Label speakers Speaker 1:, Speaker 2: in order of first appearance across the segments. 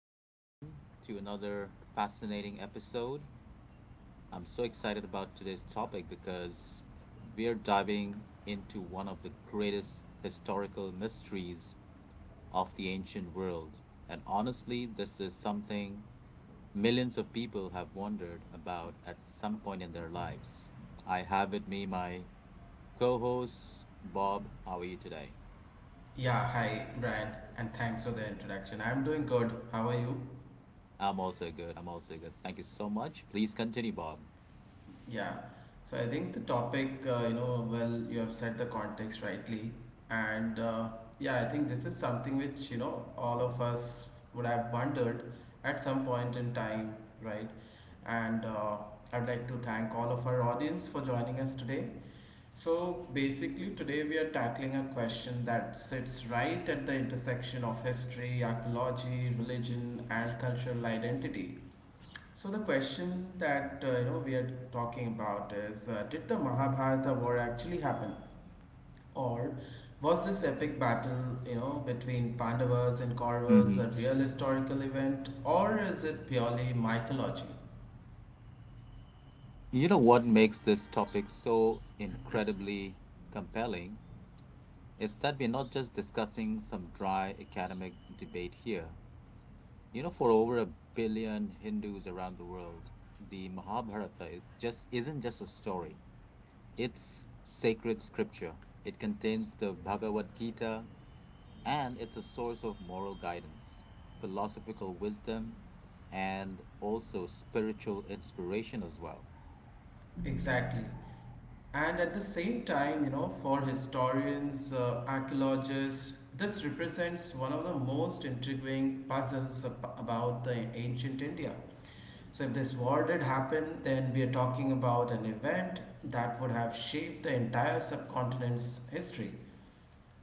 Speaker 1: everyone, to another fascinating episode. I'm so excited about today's topic because we're diving into one of the greatest historical mysteries of the ancient world. And honestly, this is something millions of people have wondered about at some point in their lives. I have with me my co host, Bob. How are you today?
Speaker 2: Yeah, hi Brian, and thanks for the introduction. I'm doing good. How are you?
Speaker 1: I'm also good. I'm also good. Thank you so much. Please continue, Bob.
Speaker 2: Yeah. So I think the topic, well, you have set the context rightly, and yeah, I think this is something which you know all of us would have wondered at some point in time, right? And I'd like to thank all of our audience for joining us today. So basically, today we are tackling a question that sits right at the intersection of history, archaeology, religion, and cultural identity. So the question that you know we are talking about is did the Mahabharata war actually happen or was this epic battle you know between Pandavas and Kauravas a
Speaker 1: Mhm.
Speaker 2: real historical event, or is it purely mythology?
Speaker 1: You know what makes this topic so incredibly compelling? It's that we're not just discussing some dry academic debate here. You know, for over a billion Hindus around the world, the Mahabharata is just isn't just a story. It's sacred scripture. It contains the Bhagavad Gita, and it's a source of moral guidance, philosophical wisdom, and also spiritual inspiration as well.
Speaker 2: Exactly. And at the same time, you know, for historians, archaeologists, this represents one of the most intriguing puzzles about the ancient India. So, if this war did happen, then we are talking about an event that would have shaped the entire subcontinent's history.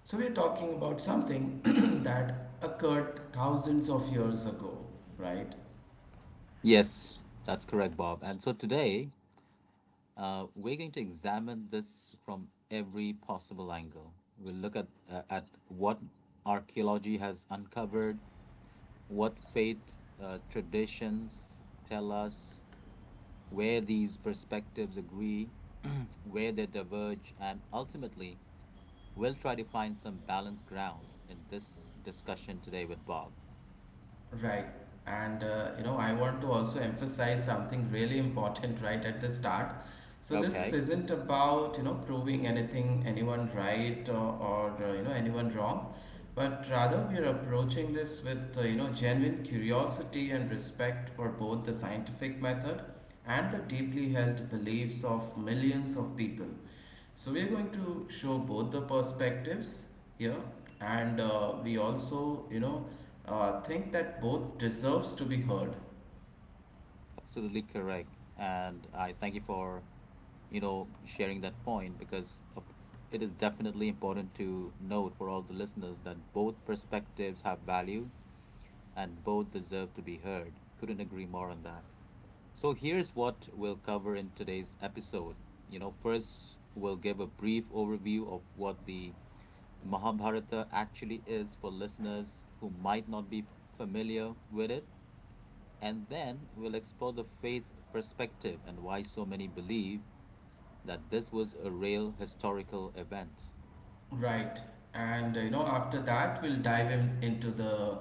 Speaker 2: So, we are talking about something that occurred thousands of years ago, right?
Speaker 1: Yes, that's correct, Bob. And so today, we're going to examine this from every possible angle. We'll look at what archaeology has uncovered, what faith traditions tell us, where these perspectives agree, where they diverge, and ultimately, we'll try to find some balanced ground in this discussion today with Bob.
Speaker 2: Right. And you know, I want to also emphasize something really important right at the start. So this
Speaker 1: Okay.
Speaker 2: isn't about, you know, proving anything anyone right or you know, anyone wrong, but rather we are approaching this with, you know, genuine curiosity and respect for both the scientific method and the deeply held beliefs of millions of people. So we are going to show both the perspectives here, and we also, think that both deserves to be heard.
Speaker 1: Absolutely correct. And I thank you for, you know, sharing that point because it is definitely important to note for all the listeners that both perspectives have value and both deserve to be heard. Couldn't agree more on that. So here's what we'll cover in today's episode. You know, first, we'll give a brief overview of what the Mahabharata actually is for listeners who might not be familiar with it. And then we'll explore the faith perspective and why so many believe that this was a real historical event.
Speaker 2: Right. And you know, after that, we'll into the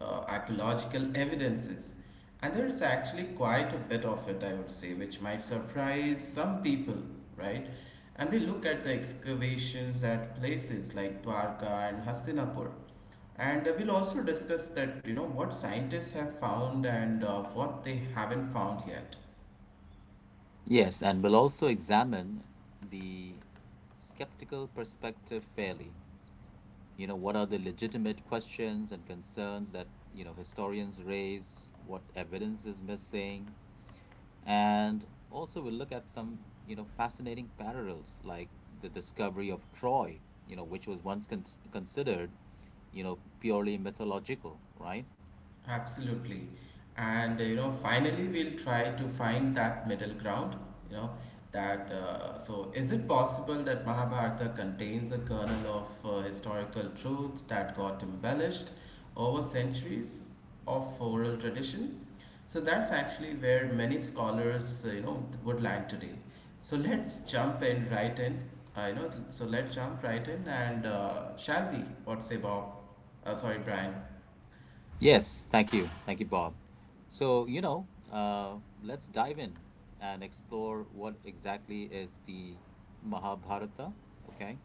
Speaker 2: archaeological evidences. And there's actually quite a bit of it, I would say, which might surprise some people, right? And we look at the excavations at places like Dwarka and Hastinapur. And we'll also discuss that, you know, what scientists have found and what they haven't found yet.
Speaker 1: Yes, and we'll also examine the skeptical perspective fairly. You know, what are the legitimate questions and concerns that, you know, historians raise? What evidence is missing? And also we'll look at some, you know, fascinating parallels like the discovery of Troy, you know, which was once considered, you know, purely mythological, right?
Speaker 2: Absolutely. And you know, finally, we'll try to find that middle ground. You know, that so is it possible that Mahabharata contains a kernel of historical truth that got embellished over centuries of oral tradition? So that's actually where many scholars, would land today. So let's jump in right in. You know, so let's jump right in, and shall we? What say, Bob? Sorry, Brian.
Speaker 1: Yes, thank you. Thank you, Bob. So, you know, let's dive in and explore what exactly is the Mahabharata, okay?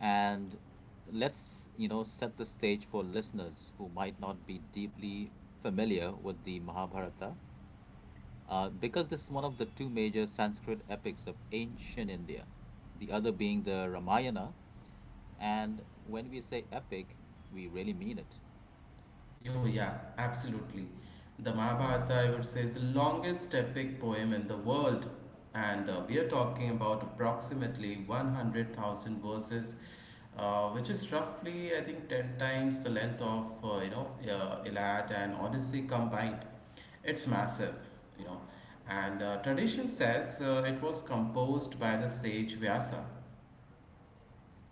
Speaker 1: And let's, you know, set the stage for listeners who might not be deeply familiar with the Mahabharata. Because this is one of the two major Sanskrit epics of ancient India, the other being the Ramayana. And when we say epic, we really mean it.
Speaker 2: Oh, yeah, absolutely. The Mahabharata, I would say, is the longest epic poem in the world. And we are talking about approximately 100,000 verses, which is roughly, I think, 10 times the length of, Iliad and Odyssey combined. It's massive, you know. And tradition says it was composed by the sage Vyasa,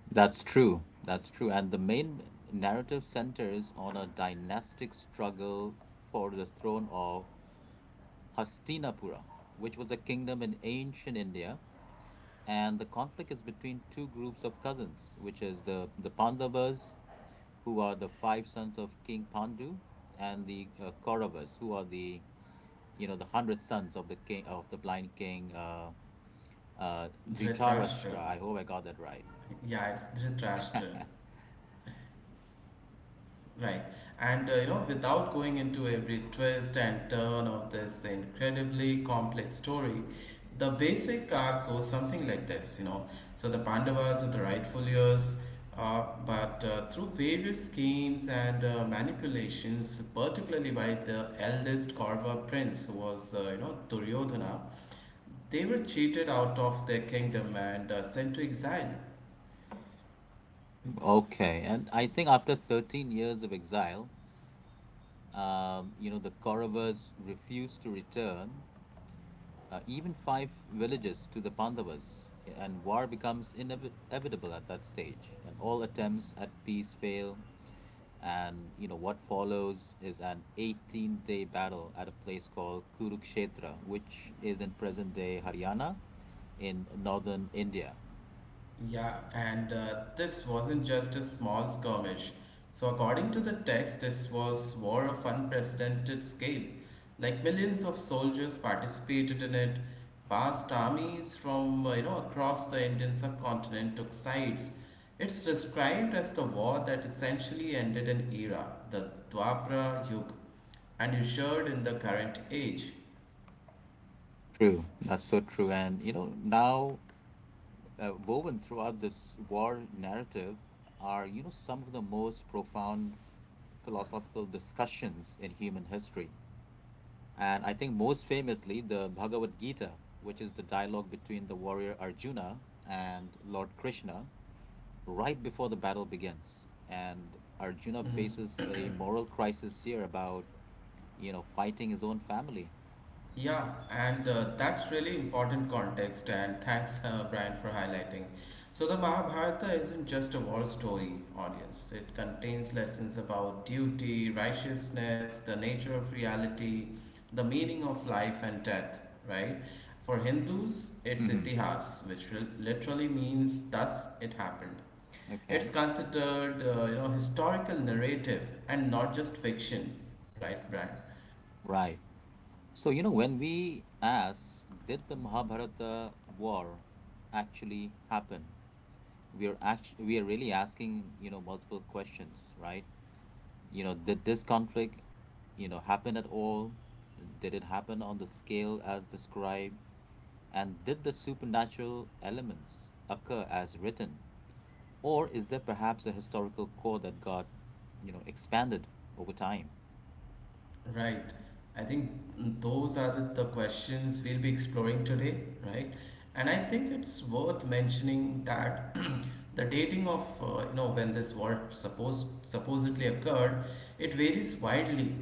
Speaker 1: That's true. That's true. And the main narrative centers on a dynastic struggle for the throne of Hastinapura, which was a kingdom in ancient India. And the conflict is between two groups of cousins, which is the Pandavas, who are the five sons of King Pandu, and the Kauravas, who are the you know the hundred sons of the king of the blind king
Speaker 2: Dhritarashtra.
Speaker 1: Dhritarashtra. I hope I got that right.
Speaker 2: Yeah, it's Dhritarashtra. Right. And you know, without going into every twist and turn of this incredibly complex story, the basic arc goes something like this, you know. So the Pandavas are the rightful heirs, but through various schemes and manipulations, particularly by the eldest Kaurava prince, who was, Duryodhana. They were cheated out of their kingdom and sent to exile.
Speaker 1: Okay, and I think after 13 years of exile, you know the Kauravas refused to return even five villages to the Pandavas, and war becomes inevitable at that stage, and all attempts at peace fail. And you know what follows is an 18-day battle at a place called Kurukshetra, which is in present-day Haryana, in northern India.
Speaker 2: Yeah, and this wasn't just a small skirmish. So, according to the text, this was war of unprecedented scale. Like millions of soldiers participated in it. Vast armies from you know across the Indian subcontinent took sides. It's described as the war that essentially ended an era, the Dwapara Yuga, and ushered in the current age.
Speaker 1: True, that's so true. And you know now woven throughout this war narrative are you know some of the most profound philosophical discussions in human history. And I think most famously, the Bhagavad Gita, which is the dialogue between the warrior Arjuna and Lord Krishna, right before the battle begins. And Arjuna faces a moral crisis here about, you know, fighting his own family.
Speaker 2: Yeah, and that's really important context. And thanks, Brian, for highlighting. So, the Mahabharata isn't just a war story, audience. It contains lessons about duty, righteousness, the nature of reality, the meaning of life and death, right? For Hindus, it's
Speaker 1: Hmm.
Speaker 2: itihas, which literally means thus it happened. It's
Speaker 1: Okay,
Speaker 2: considered, historical narrative and not just fiction, right, Brian?
Speaker 1: right. So, you know, when we ask, did the Mahabharata war actually happen? We are actually, we are really asking, you know, multiple questions, right? You know, did this conflict, you know, happen at all? Did it happen on the scale as described? And did the supernatural elements occur as written? Or is there perhaps a historical core that got, you know, expanded over time?
Speaker 2: Right. I think those are the questions we'll be exploring today, right? And I think it's worth mentioning that the dating of you know when this war supposedly occurred, it varies widely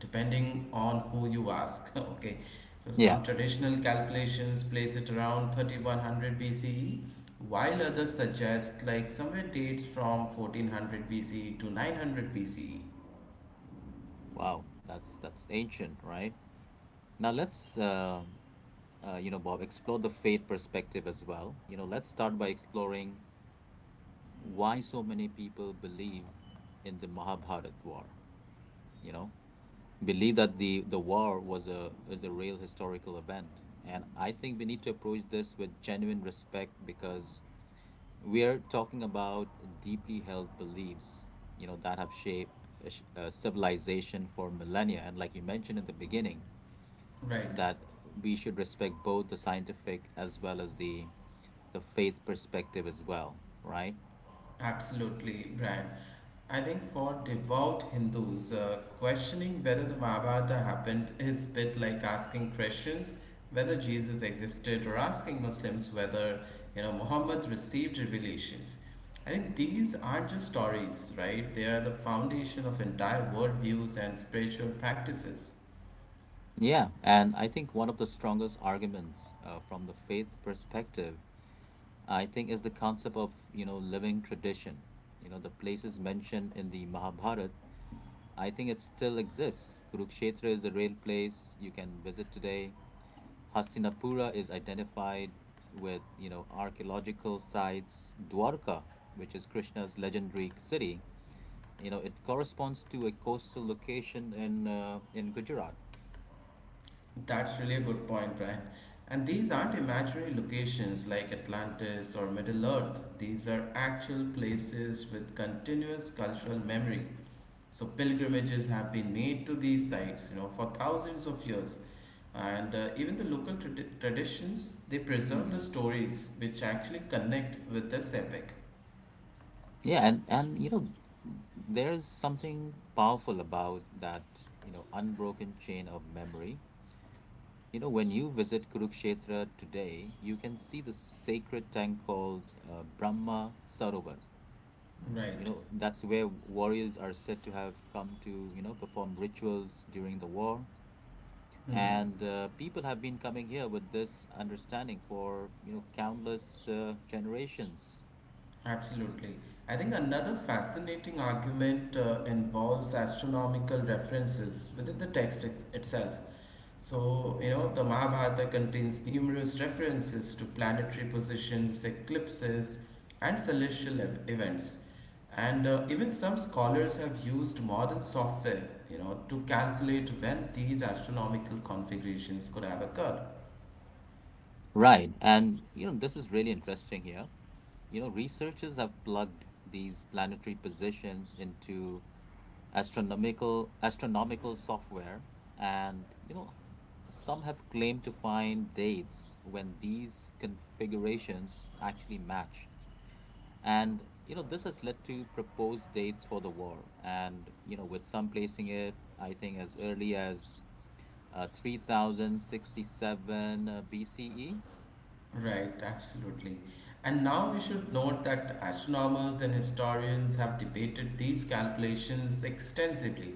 Speaker 2: depending on who you ask. Okay, so
Speaker 1: Yeah.
Speaker 2: some traditional calculations place it around 3100 BCE, while others suggest like somewhere dates from 1400 BCE to 900 BCE.
Speaker 1: Wow, that's ancient, right? Now let's you know, Bob, explore the faith perspective as well. You know, let's start by exploring why so many people believe in the Mahabharat war, you know? Believe that the war was a is a real historical event, and I think we need to approach this with genuine respect because we are talking about deeply held beliefs, you know, that have shaped a civilization for millennia, and like you mentioned at the beginning
Speaker 2: Right.
Speaker 1: that we should respect both the scientific as well as the faith perspective as well, right?
Speaker 2: Absolutely, Brian. I think for devout Hindus, questioning whether the Mahabharata happened is a bit like asking Christians whether Jesus existed, or asking Muslims whether, you know, Muhammad received revelations. I think these aren't just stories, right? They are the foundation of entire worldviews and spiritual practices.
Speaker 1: Yeah, and I think one of the strongest arguments from the faith perspective, I think, is the concept of, you know, living tradition. You know, the places mentioned in the Mahabharata, I think it still exists. Kurukshetra is a real place you can visit today. Hastinapura is identified with, you know, archaeological sites. Dwarka, which is Krishna's legendary city, you know, it corresponds to a coastal location in Gujarat.
Speaker 2: That's really a good point, Brian. And these aren't imaginary locations like Atlantis or Middle Earth. These are actual places with continuous cultural memory. So pilgrimages have been made to these sites, you know, for thousands of years. And even the local traditions, they preserve the stories which actually connect with this epic.
Speaker 1: Yeah, and you know, there's something powerful about that, you know, unbroken chain of memory. You know, when you visit Kurukshetra today, you can see the sacred tank called Brahma Sarovar. You
Speaker 2: Right.
Speaker 1: know, that's where warriors are said to have come to, you know, perform rituals during the war.
Speaker 2: Hmm.
Speaker 1: And people have been coming here with this understanding for, you know, countless generations.
Speaker 2: Absolutely. I think another fascinating argument involves astronomical references within the text itself. So, you know, the Mahabharata contains numerous references to planetary positions, eclipses, and celestial events. And even some scholars have used modern software, you know, to calculate when these astronomical configurations could have occurred.
Speaker 1: Right. And, you know, this is really interesting here. You know, researchers have plugged these planetary positions into astronomical software, and you know some have claimed to find dates when these configurations actually match, and you know this has led to proposed dates for the war, and you know with some placing it I think as early as 3067 bce.
Speaker 2: Right, absolutely. And now we should note that astronomers and historians have debated these calculations extensively.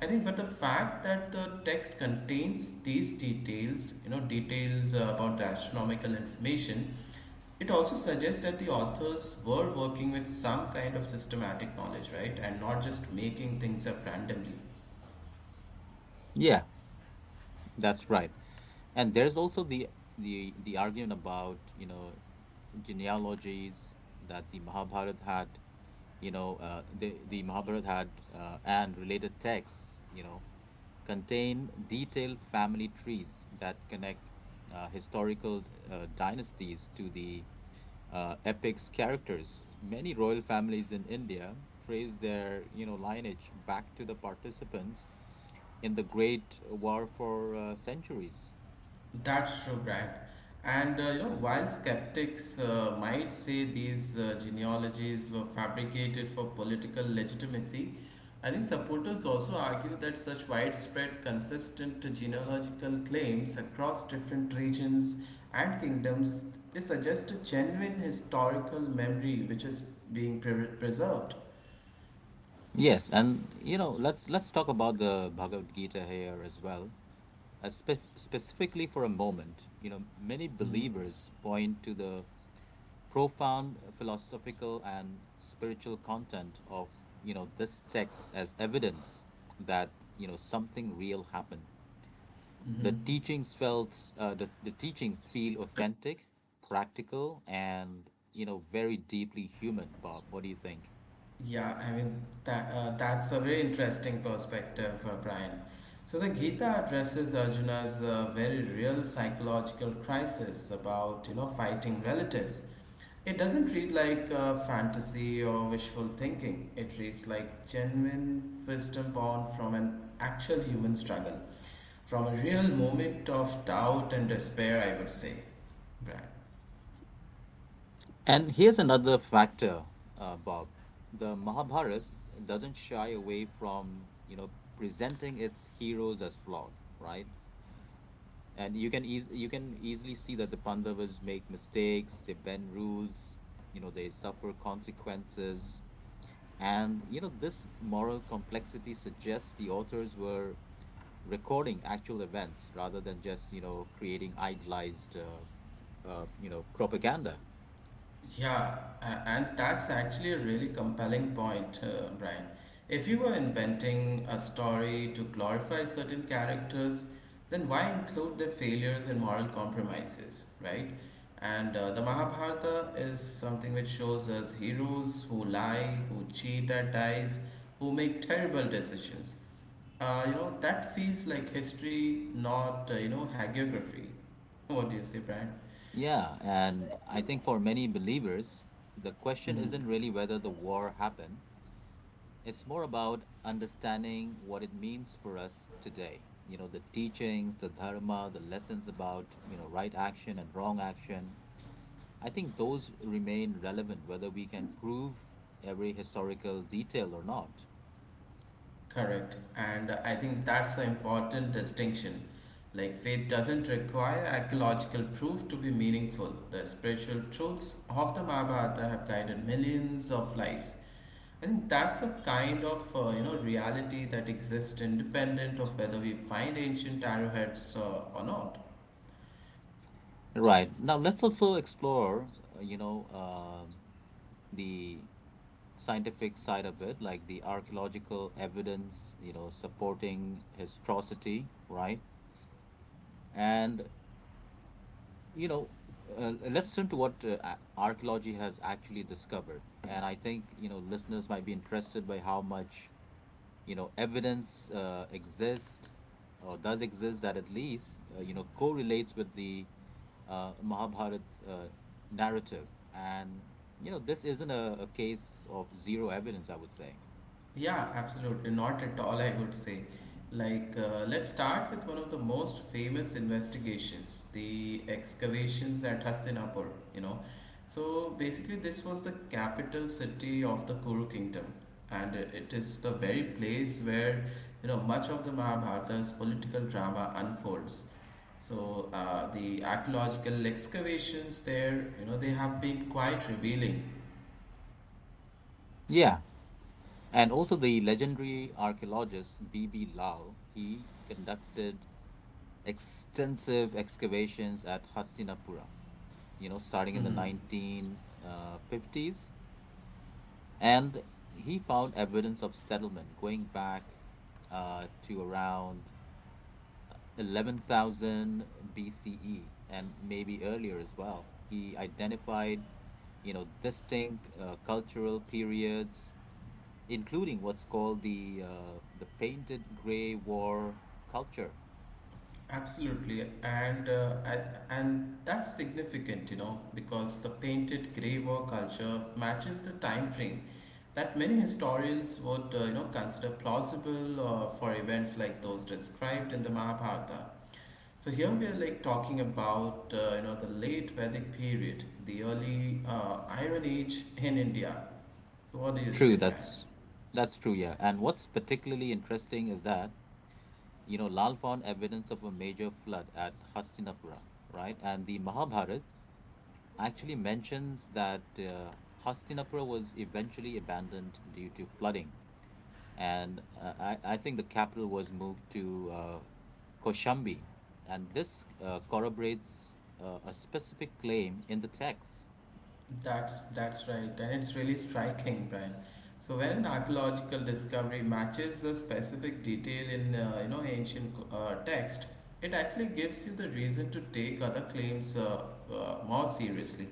Speaker 2: I think, but the fact that the text contains these details, you know, details about the astronomical information, it also suggests that the authors were working with some kind of systematic knowledge, right? And not just making things up randomly.
Speaker 1: Yeah. That's right. And there's also the argument about, you know, genealogies that the Mahabharata had and related texts, you know, contain detailed family trees that connect historical dynasties to the epic's characters. Many royal families in India trace their, you know, lineage back to the participants in the Great War for centuries.
Speaker 2: That's true, Brad. And you know, while skeptics might say these genealogies were fabricated for political legitimacy, I think supporters also argue that such widespread, consistent genealogical claims across different regions and kingdoms, they suggest a genuine historical memory which is being preserved.
Speaker 1: Yes, and you know, let's talk about the Bhagavad Gita here as well. Specifically for a moment, you know, many believers point to the profound philosophical and spiritual content of you know this text as evidence that you know something real happened. The teachings feel authentic, practical, and you know very deeply human. Bob, what do you think?
Speaker 2: Yeah, I mean that that's a very interesting perspective, Brian. So the Gita addresses Arjuna's very real psychological crisis about you know fighting relatives. It doesn't read like fantasy or wishful thinking. It reads like genuine wisdom born from an actual human struggle, from a real moment of doubt and despair. I would say, Brian.
Speaker 1: And here's another factor, Bob. The Mahabharata doesn't shy away from, you know, presenting its heroes as flawed, right? And you can easily see that the Pandavas make mistakes, they bend rules, you know, they suffer consequences. And, you know, this moral complexity suggests the authors were recording actual events rather than just, you know, creating idealized, you know, propaganda.
Speaker 2: Yeah, and that's actually a really compelling point, Brian. If you were inventing a story to glorify certain characters, then why include their failures and moral compromises, right? And the Mahabharata is something which shows us heroes who lie, who cheat at dice, who make terrible decisions. That feels like history, not, hagiography. What do you say, Brian?
Speaker 1: Yeah, and I think for many believers, the question
Speaker 2: Mhm.
Speaker 1: isn't really whether the war happened. It's more about understanding what it means for us today. You know, the teachings, the dharma, the lessons about, you know, right action and wrong action. I think those remain relevant whether we can prove every historical detail or not.
Speaker 2: Correct. And I think that's an important distinction. Like, faith doesn't require archaeological proof to be meaningful. The spiritual truths of the Mahabharata have guided millions of lives. I think that's a kind of you know reality that exists independent of whether we find ancient arrowheads or not.
Speaker 1: Right. Now let's also explore, you know, the scientific side of it, like the archaeological evidence, you know, supporting his atrocity, right? And, you know, let's turn to what archaeology has actually discovered. And I think, you know, listeners might be interested by how much, you know, evidence exists, or does exist, that at least, you know, correlates with the Mahabharat uh, narrative. And, you know, this isn't a case of zero evidence, I would say.
Speaker 2: Yeah, absolutely. Not at all, I would say. Like, let's start with one of the most famous investigations, the excavations at Hastinapur, you know. So, basically, this was the capital city of the Kuru kingdom, and it is the very place where, you know, much of the Mahabharata's political drama unfolds. So, the archaeological excavations there, you know, they have been quite revealing.
Speaker 1: Yeah. And also the legendary archaeologist B.B. Lal, he conducted extensive excavations at Hastinapura, you know, starting in the
Speaker 2: Mhm.
Speaker 1: 1950s. And he found evidence of settlement going back to around 11,000 BCE and maybe earlier as well. He identified, you know, distinct cultural periods, including what's called the the painted gray war culture.
Speaker 2: Absolutely, and and that's significant, you know, because the painted grey war culture matches the time frame that many historians would, consider plausible for events like those described in the Mahabharata. So here we are like talking about, the late Vedic period, the early Iron Age in India. So what do you say,
Speaker 1: True,
Speaker 2: Brian?
Speaker 1: that's true, yeah. And what's particularly interesting is that you know Lal found evidence of a major flood at Hastinapura, right? And the Mahabharata actually mentions that Hastinapura was eventually abandoned due to flooding. And I think the capital was moved to Koshambi, and this corroborates a specific claim in the text.
Speaker 2: That's right, and it's really striking, Brian. So when an archaeological discovery matches a specific detail in you know ancient text, it actually gives you the reason to take other claims more seriously.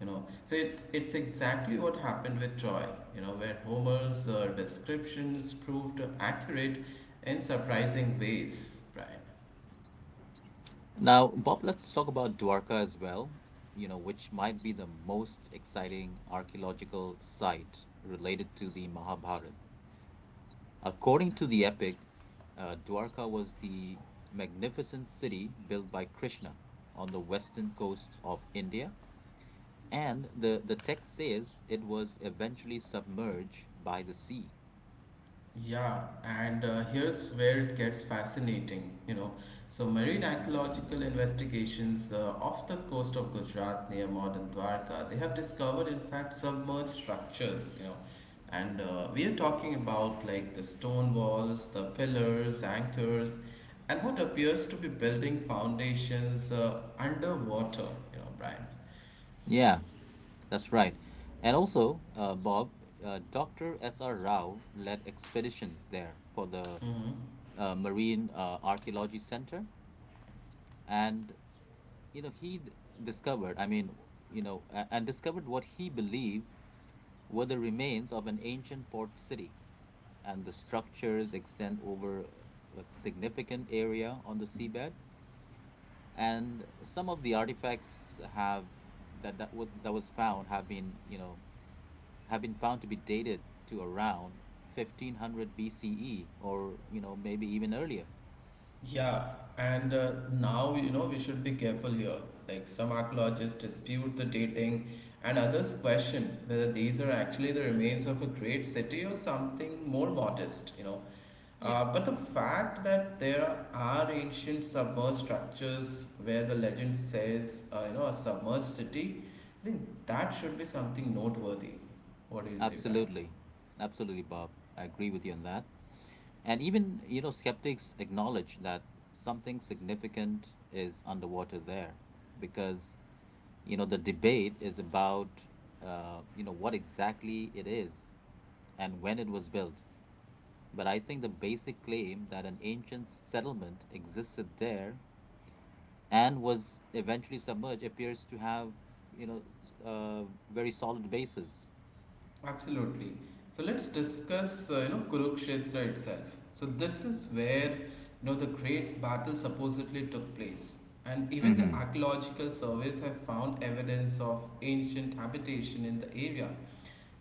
Speaker 2: You know, so it's exactly what happened with Troy. You know, where Homer's descriptions proved accurate in surprising ways, Brian.
Speaker 1: Now, Bob, let's talk about Dwarka as well, you know, which might be the most exciting archaeological site related to the Mahabharata. According to the epic, Dwarka was the magnificent city built by Krishna on the western coast of India. And the text says it was eventually submerged by the sea.
Speaker 2: Yeah, and here's where it gets fascinating, you know. So, marine archaeological investigations off the coast of Gujarat near modern Dwarka, they have discovered, in fact, submerged structures, you know. And we are talking about like the stone walls, the pillars, anchors, and what appears to be building foundations underwater, you know, Brian.
Speaker 1: Yeah, that's right. And also, Bob, Dr. S.R. Rao led expeditions there for the
Speaker 2: Hmm.
Speaker 1: Marine Archaeology Center. And, you know, he d- discovered, I mean, you know, a- and discovered what he believed were the remains of an ancient port city. And the structures extend over a significant area on the seabed, and some of the artifacts have that that, wa- that was found have been you know have been found to be dated to around 1500 BCE, or maybe even earlier.
Speaker 2: Yeah, and now you know we should be careful here. Like some archaeologists dispute the dating, and others question whether these are actually the remains of a great city or something more modest. You know,
Speaker 1: Yeah,
Speaker 2: but the fact that there are ancient submerged structures where the legend says, a submerged city, I think that should be something noteworthy. What do you say, Brian?
Speaker 1: absolutely, absolutely, Bob, I agree with you on that. And even, you know, skeptics acknowledge that something significant is underwater there, because, you know, the debate is about, you know, what exactly it is and when it was built. But I think the basic claim that an ancient settlement existed there and was eventually submerged appears to have, you know, a very solid basis.
Speaker 2: Absolutely. So let's discuss, Kurukshetra itself. So this is where, the great battle supposedly took place. And even the
Speaker 1: Hmm.
Speaker 2: archaeological surveys have found evidence of ancient habitation in the area.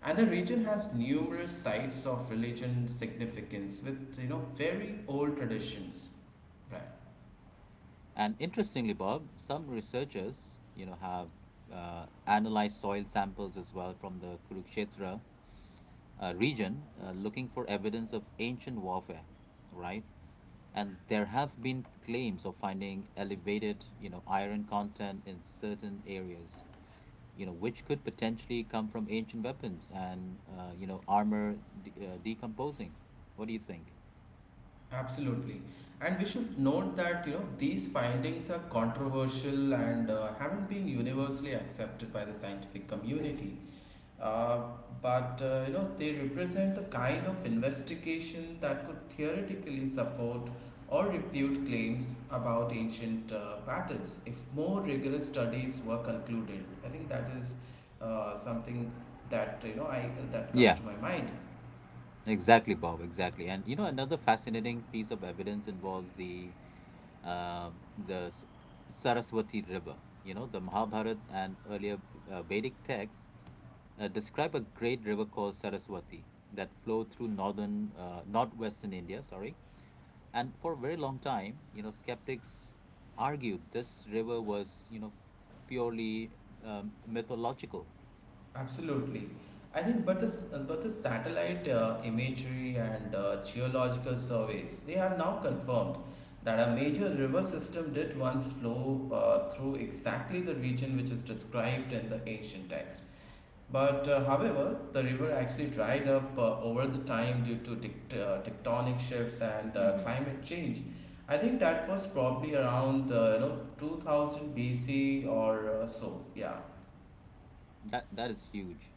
Speaker 2: And the region has numerous sites of religion significance with, very old traditions. Right.
Speaker 1: And interestingly, Bob, some researchers, you know, have analyzed soil samples as well from the Kurukshetra region, looking for evidence of ancient warfare, right? And there have been claims of finding elevated, you know, iron content in certain areas, you know, which could potentially come from ancient weapons and, you know, decomposing. What do you think?
Speaker 2: Absolutely. And we should note that, these findings are controversial and haven't been universally accepted by the scientific community. Uh, but they represent the kind of investigation that could theoretically support or refute claims about ancient battles if more rigorous studies were concluded. I think that is something that, you know, I that comes
Speaker 1: Yeah,
Speaker 2: to my mind.
Speaker 1: exactly, Bob, exactly. And, you know, another fascinating piece of evidence involves the um, the S- Saraswati River. You know, the Mahabharata and earlier Vedic texts describe a great river called Saraswati that flowed through northwestern India, sorry. And for a very long time, you know, skeptics argued this river was, you know, purely um, mythological.
Speaker 2: Absolutely. I think, but the satellite imagery and geological surveys, they have now confirmed that a major river system did once flow through exactly the region which is described in the ancient text. But however, the river actually dried up over the time due to tectonic shifts and
Speaker 1: Hmm.
Speaker 2: climate change. I think that was probably around 2000 BC or so. Yeah.
Speaker 1: That that is huge,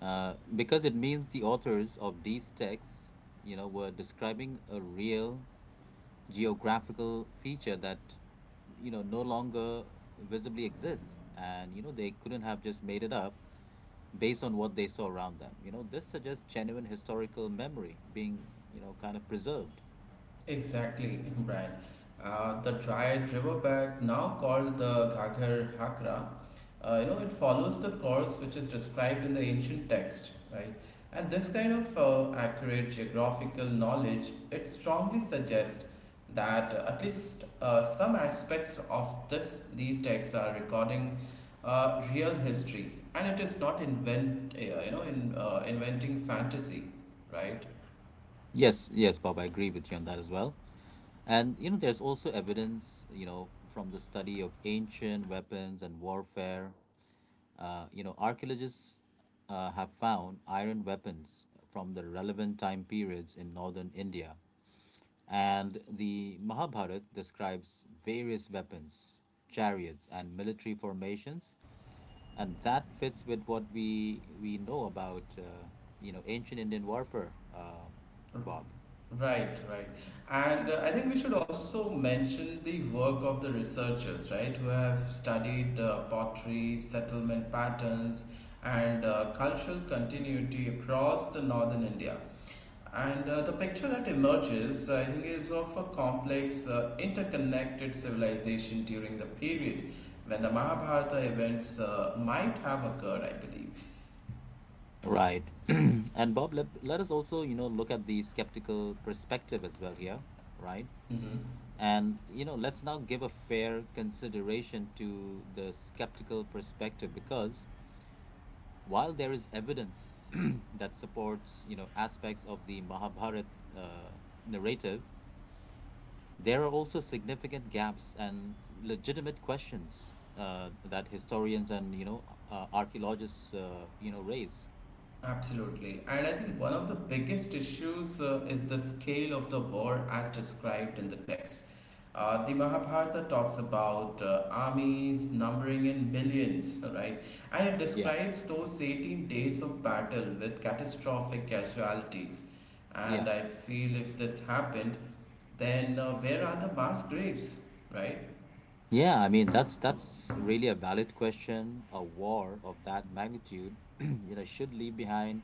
Speaker 1: uh, because it means the authors of these texts, you know, were describing a real geographical feature that, you know, no longer visibly exists, and you know they couldn't have just made it up based on what they saw around them. You know, this suggests genuine historical memory being, you know, kind of preserved.
Speaker 2: Exactly, Brian. The dried riverbed, now called the Ghaggar Hakra, it follows the course which is described in the ancient text, right? And this kind of accurate geographical knowledge, it strongly suggests that at least some aspects of this these texts are recording real history, and it is not invent, you know, in inventing fantasy, right?
Speaker 1: Yes, yes, Bob, I agree with you on that as well. And you know, there's also evidence, you know, from the study of ancient weapons and warfare. You know, archaeologists have found iron weapons from the relevant time periods in northern India. And the Mahabharata describes various weapons, chariots, and military formations, and that fits with what we know about, you know, ancient Indian warfare, Bob.
Speaker 2: Right, right. And I think we should also mention the work of the researchers, right, who have studied pottery, settlement patterns, and cultural continuity across the northern India. And the picture that emerges, I think, is of a complex, interconnected civilization during the period when the Mahabharata events might have occurred, I believe.
Speaker 1: Right. And Bob, let us also, you know, look at the skeptical perspective as well here, right?
Speaker 2: Hmm.
Speaker 1: And, you know, let's now give a fair consideration to the skeptical perspective because while there is evidence that supports, you know, aspects of the Mahabharat uh, narrative, there are also significant gaps and legitimate questions that historians and, you know, archaeologists, you know, raise.
Speaker 2: Absolutely. And I think one of the biggest issues is the scale of the war as described in the text. The Mahabharata talks about armies numbering in millions, right? And it
Speaker 1: Yeah.
Speaker 2: describes those 18 days of battle with catastrophic casualties.
Speaker 1: Yeah.
Speaker 2: And I feel if this happened, then where are the mass graves, right?
Speaker 1: Yeah, I mean that's really a valid question. A war of that magnitude, you know, should leave behind,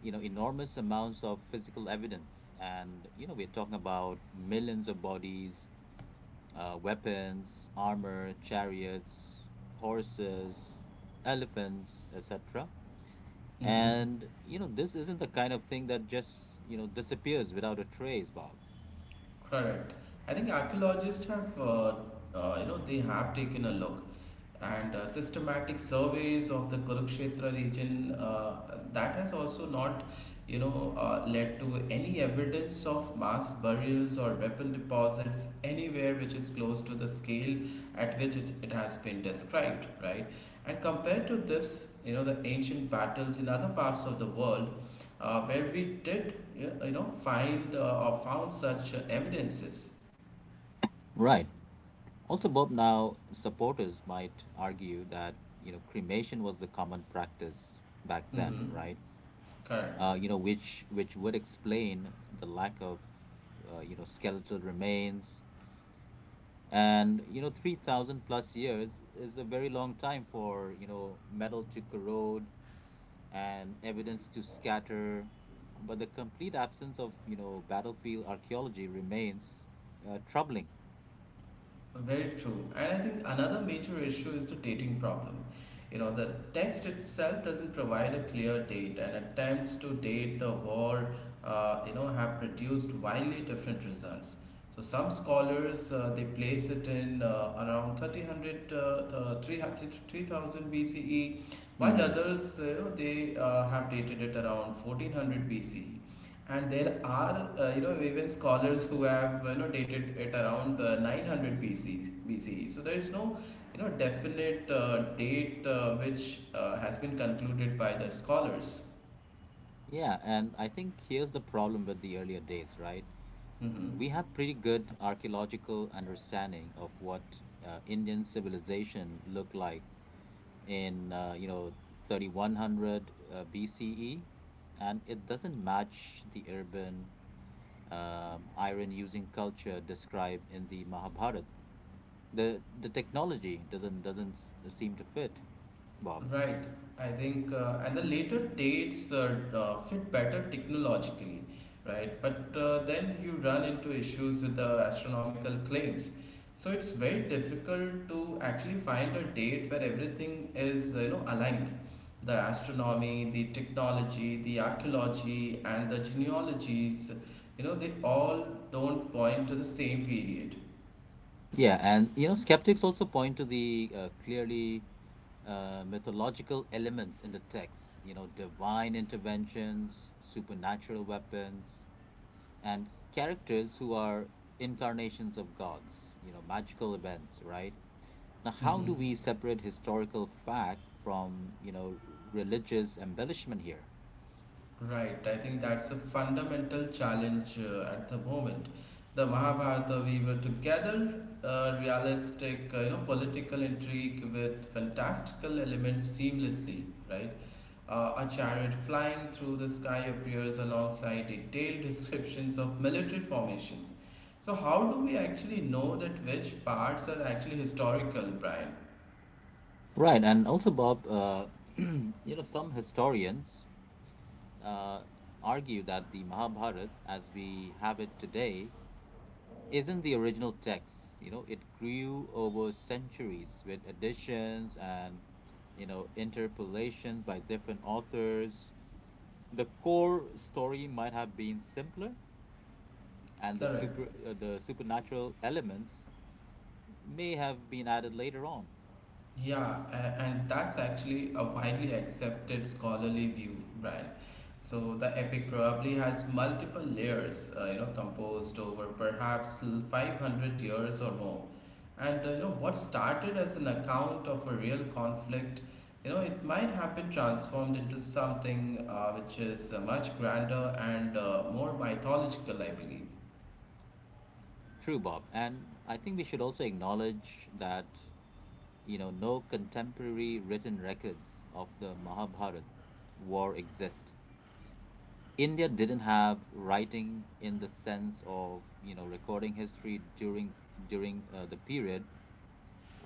Speaker 1: you know, enormous amounts of physical evidence. And, you know, we're talking about millions of bodies, weapons, armor, chariots, horses, elephants, etc.
Speaker 2: Mm-hmm.
Speaker 1: And, you know, this isn't the kind of thing that just, you know, disappears without a trace, Bob.
Speaker 2: Correct. I think archaeologists, they have taken a look and systematic surveys of the Kurukshetra region that has also not, led to any evidence of mass burials or weapon deposits anywhere which is close to the scale at which it has been described, right? And compared to this, the ancient battles in other parts of the world where we did, yeah, find or found such evidences.
Speaker 1: Right. Also, Bob, now supporters might argue that you know cremation was the common practice back then,
Speaker 2: Hmm.
Speaker 1: right?
Speaker 2: Correct.
Speaker 1: You know, which would explain the lack of, you know, skeletal remains, and you know 3,000 plus years is a very long time for you know metal to corrode and evidence to scatter, but the complete absence of you know battlefield archaeology remains troubling.
Speaker 2: Very true. And I think another major issue is the dating problem. The text itself doesn't provide a clear date, and attempts to date the war, have produced wildly different results. So some scholars they place it in around 3000 BCE, while
Speaker 1: Mm-hmm.
Speaker 2: others, you know, they have dated it around 1400 BCE, and there are even scholars who have dated it around 900 BC BCE. So there is no definite date which has been concluded by the scholars.
Speaker 1: Yeah, and I think here's the problem with the earlier dates, right?
Speaker 2: Hmm.
Speaker 1: We have pretty good archaeological understanding of what Indian civilization looked like in you know 3100 BCE, and it doesn't match the urban iron-using culture described in the Mahabharata. The the technology doesn't seem to fit, Bob.
Speaker 2: Right. I think and the later dates fit better technologically, right? But then you run into issues with the astronomical claims. So it's very difficult to actually find a date where everything is, aligned. The astronomy, the technology, the archaeology, and the genealogies, they all don't point to the same period.
Speaker 1: Yeah, and you know, skeptics also point to the clearly mythological elements in the text, you know, divine interventions, supernatural weapons, and characters who are incarnations of gods, you know, magical events, right? Now, how do
Speaker 2: Hmm.
Speaker 1: we separate historical fact from, you know, religious embellishment here?
Speaker 2: Right, I think that's a fundamental challenge at the moment. The Mahabharata, we were together, realistic, political intrigue with fantastical elements seamlessly, right? A chariot flying through the sky appears alongside detailed descriptions of military formations. So, how do we actually know that which parts are actually historical, Brian?
Speaker 1: Right, and also, Bob, you know, some historians uh, argue that the Mahabharata, as we have it today, isn't the original text. You know, it grew over centuries with additions and, you know, interpolations by different authors. The core story might have been simpler, and
Speaker 2: Correct.
Speaker 1: the supernatural elements may have been added later on.
Speaker 2: Yeah, and that's actually a widely accepted scholarly view, Brian. So the epic probably has multiple layers, composed over perhaps 500 years or more. And what started as an account of a real conflict, it might have been transformed into something which is much grander and more mythological, I believe.
Speaker 1: True, Bob. And I think we should also acknowledge that you know, no contemporary written records of the Mahabharata war exist. India didn't have writing in the sense of you know recording history during the period,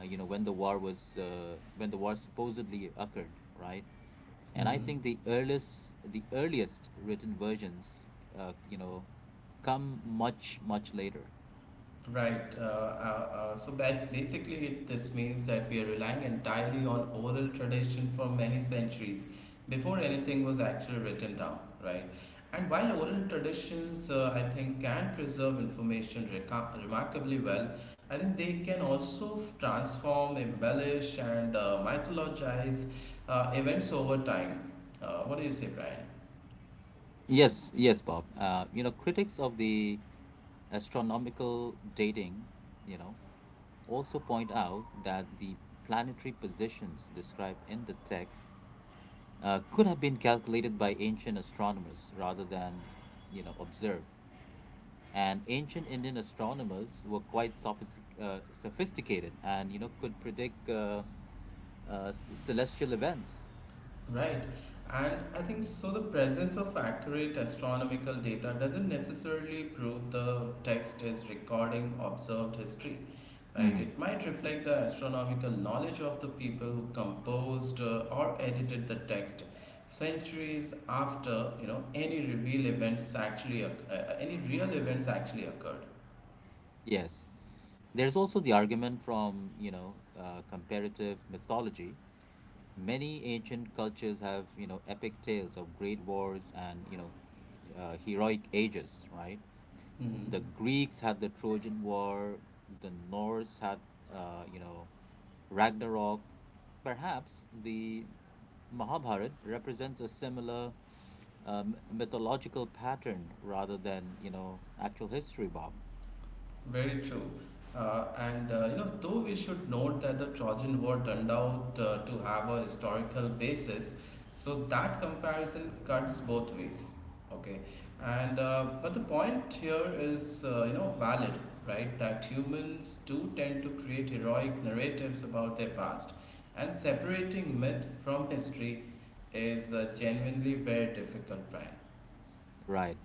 Speaker 1: you know, when the war was, when the war supposedly occurred, right? And I
Speaker 2: Mhm.
Speaker 1: think the earliest written versions, you know, come much later.
Speaker 2: Right. So basically, this means that we are relying entirely on oral tradition for many centuries before anything was actually written down, right? And while oral traditions, I think, can preserve information remarkably well, I think they can also transform, embellish, and mythologize events over time. What do you say, Brian?
Speaker 1: Yes, yes, Bob. You know, critics of the astronomical dating, you know, also point out that the planetary positions described in the text could have been calculated by ancient astronomers rather than, you know, observed. And ancient Indian astronomers were quite sophisticated and, you know, could predict, celestial events.
Speaker 2: Right. And I think so the presence of accurate astronomical data doesn't necessarily prove the text is recording observed history. Right.
Speaker 1: Hmm.
Speaker 2: It might reflect the astronomical knowledge of the people who composed or edited the text centuries after, you know, any reveal events actually oc- any real events actually occurred.
Speaker 1: Yes. There's also the argument from, you know, comparative mythology. Many ancient cultures have, you know, epic tales of great wars and, you know, heroic ages, right? The
Speaker 2: Mhm.
Speaker 1: Greeks had the Trojan War, the Norse had, you know, Ragnarok. Perhaps the Mahabharata represents a similar mythological pattern rather than, you know, actual history, Bob.
Speaker 2: Very true. Though we should note that the Trojan War turned out to have a historical basis, so that comparison cuts both ways. Okay, and but the point here is valid, right? That humans do tend to create heroic narratives about their past, and separating myth from history is genuinely very difficult, Brian.
Speaker 1: Right.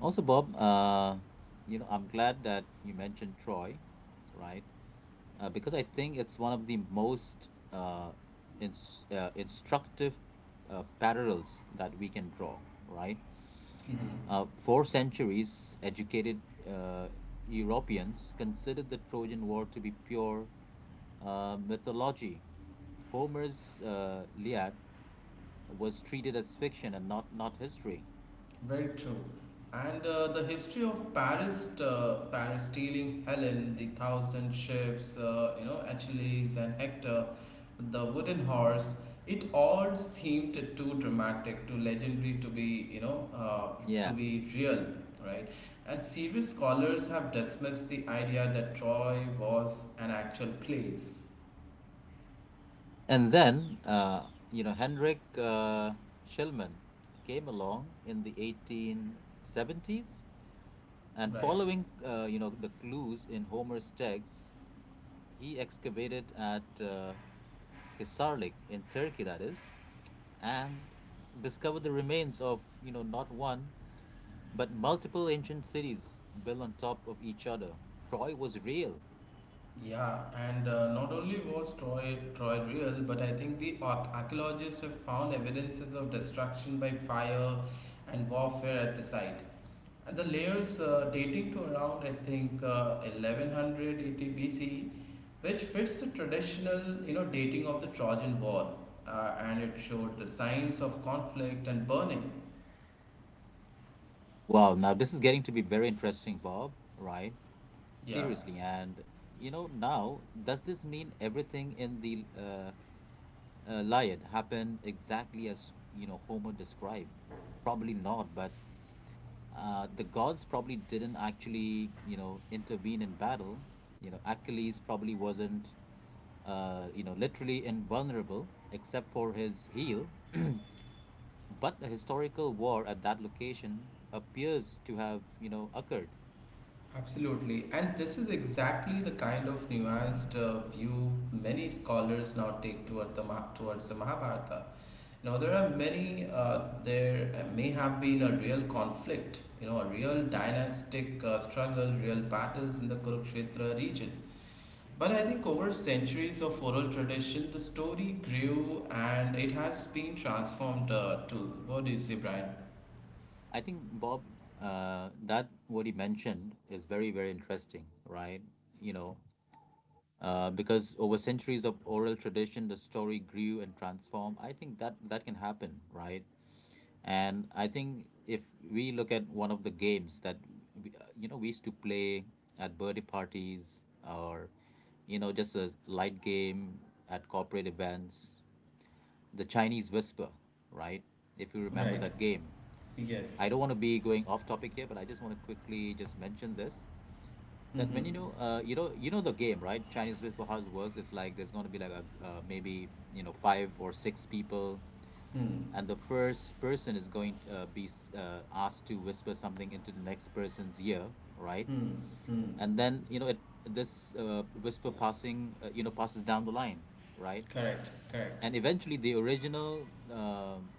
Speaker 1: Also, Bob, you know, I'm glad that you mentioned Troy, right? Because I think it's one of the most instructive parallels that we can draw, right?
Speaker 2: Mhm.
Speaker 1: For centuries, educated uh, Europeans considered the Trojan War to be pure mythology. Homer's Iliad was treated as fiction and not history.
Speaker 2: Very true. And the history of Paris stealing Helen, the thousand ships, Achilles and Hector, the wooden horse, it all seemed too dramatic, too legendary to
Speaker 1: Yeah.
Speaker 2: be real, right? And serious scholars have dismissed the idea that Troy was an actual place,
Speaker 1: And then, you know, Henrik Schillman came along in the 1870s, and
Speaker 2: right?
Speaker 1: following, you know, the clues in Homer's texts, he excavated at Hisarlik in Turkey, that is, and discovered the remains of, you know, not one, but multiple ancient cities built on top of each other. Troy was real.
Speaker 2: Yeah, and not only was Troy real, but I think the archaeologists have found evidences of destruction by fire and warfare at the site. And the layers dating to around I think 1100 BC, which fits the traditional dating of the Trojan War, and it showed the signs of conflict and burning.
Speaker 1: Wow, now this is getting to be very interesting, Bob, right?
Speaker 2: Yeah.
Speaker 1: Seriously, and you know, now does this mean everything in the Iliad happened exactly as you know Homer described? Probably not, but the gods probably didn't actually you know intervene in battle. You know, Achilles probably wasn't, you know, literally invulnerable except for his heel, but a historical war at that location appears to have you know occurred.
Speaker 2: Absolutely, and this is exactly the kind of nuanced view many scholars now take towards the Mahabharata. You know, there are many. There may have been a real conflict. You know, a real dynastic struggle, real battles in the Kurukshetra region. But I think over centuries of oral tradition, the story grew and it has been transformed too. What do you say, Brian?
Speaker 1: I think Bob, that what he mentioned is very, very interesting, right? You know, because over centuries of oral tradition, the story grew and transformed. I think that that can happen, right? And I think if we look at one of the games that we, you know we used to play at birthday parties or you know just a light game at corporate events, the Chinese Whisper, right? If you remember
Speaker 2: Right.
Speaker 1: that game, I
Speaker 2: Yes.
Speaker 1: don't want to be going off topic here, but I just want to quickly just mention this that when you know the game, right? Chinese whisper house works. It's like there's going to be like a maybe you know five or six people, and the first person is going to be asked to whisper something into the next person's ear, right? And then you know it this whisper passing, you know, passes down the line, right?
Speaker 2: Correct. Correct.
Speaker 1: And eventually the original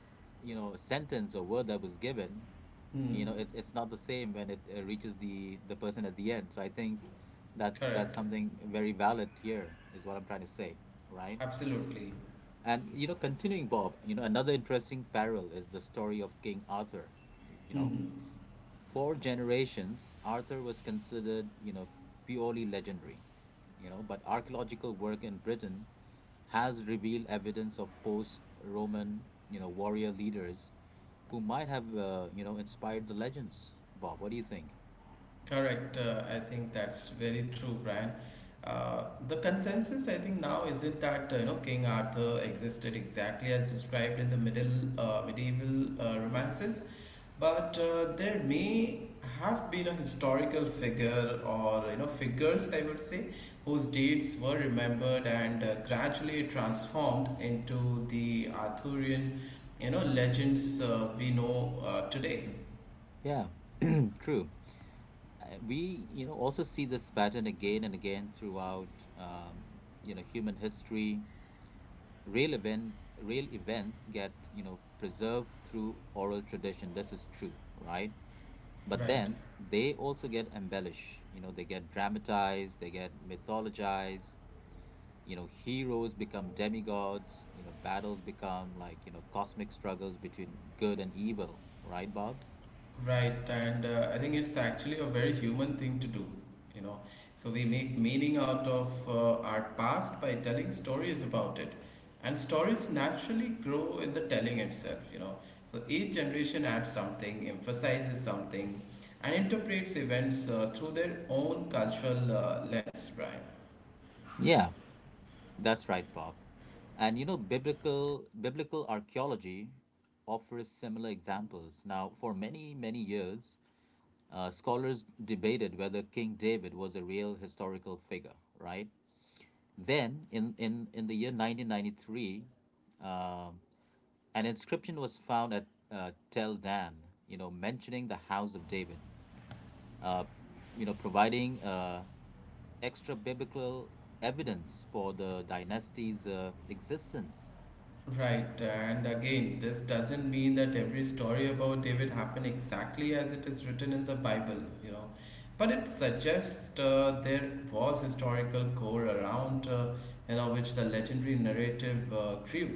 Speaker 1: you know sentence or word that was given you know
Speaker 2: Hmm.
Speaker 1: it's not the same when it reaches the person at the end. So I think that's
Speaker 2: Correct.
Speaker 1: something very valid here is what I'm trying to say, right?
Speaker 2: Absolutely.
Speaker 1: And you know, continuing, Bob, you know, another interesting parallel is the story of King Arthur. You know,
Speaker 2: Mhm.
Speaker 1: for generations, Arthur was considered, you know, purely legendary, you know, but archaeological work in Britain has revealed evidence of post-Roman, you know, warrior leaders who might have, you know, inspired the legends. Bob, what do you think?
Speaker 2: Correct. I think that's very true, Brian. The consensus, I think, now is it that King Arthur existed exactly as described in the middle medieval romances, but there may have been a historical figure or figures, I would say, whose deeds were remembered and gradually transformed into the Arthurian legends we know today.
Speaker 1: Yeah, true. We, you know, also see this pattern again and again throughout, um, you know, human history. Real event, Real events get, you know, preserved through oral tradition. This is true, right? But
Speaker 2: Right.
Speaker 1: then they also get embellished. You know, they get dramatized, they get mythologized. You know, heroes become demigods. You know, battles become like, you know, cosmic struggles between good and evil. Right, Bob?
Speaker 2: Right, and I think it's actually a very human thing to do, you know. So we make meaning out of our past by telling stories about it. And stories naturally grow in the telling itself, you know. So each generation adds something, emphasizes something, and interprets events through their own cultural lens, Brian.
Speaker 1: Yeah, that's right, Bob. And you know, biblical archaeology offers similar examples. Now, for many years, scholars debated whether King David was a real historical figure, right? Then, in the year 1993, um, an inscription was found at Tel Dan, you know, mentioning the House of David, uh, you know, providing extra biblical evidence for the dynasty's existence.
Speaker 2: Right, and again, this doesn't mean that every story about David happened exactly as it is written in the Bible, you know. But it suggests there was historical core around, which the legendary narrative grew.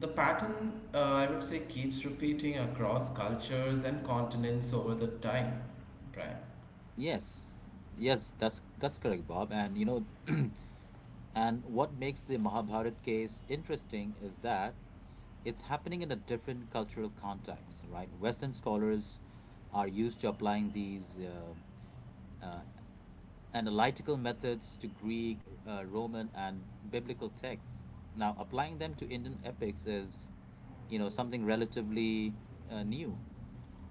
Speaker 2: The pattern, I would say, keeps repeating across cultures and continents over the time, Brian.
Speaker 1: Yes, yes, that's correct, Bob. And you know, and what makes the Mahabharat case interesting is that it's happening in a different cultural context, right? Western scholars are used to applying these analytical methods to Greek, Roman, and biblical texts. Now, applying them to Indian epics is, you know, something relatively new.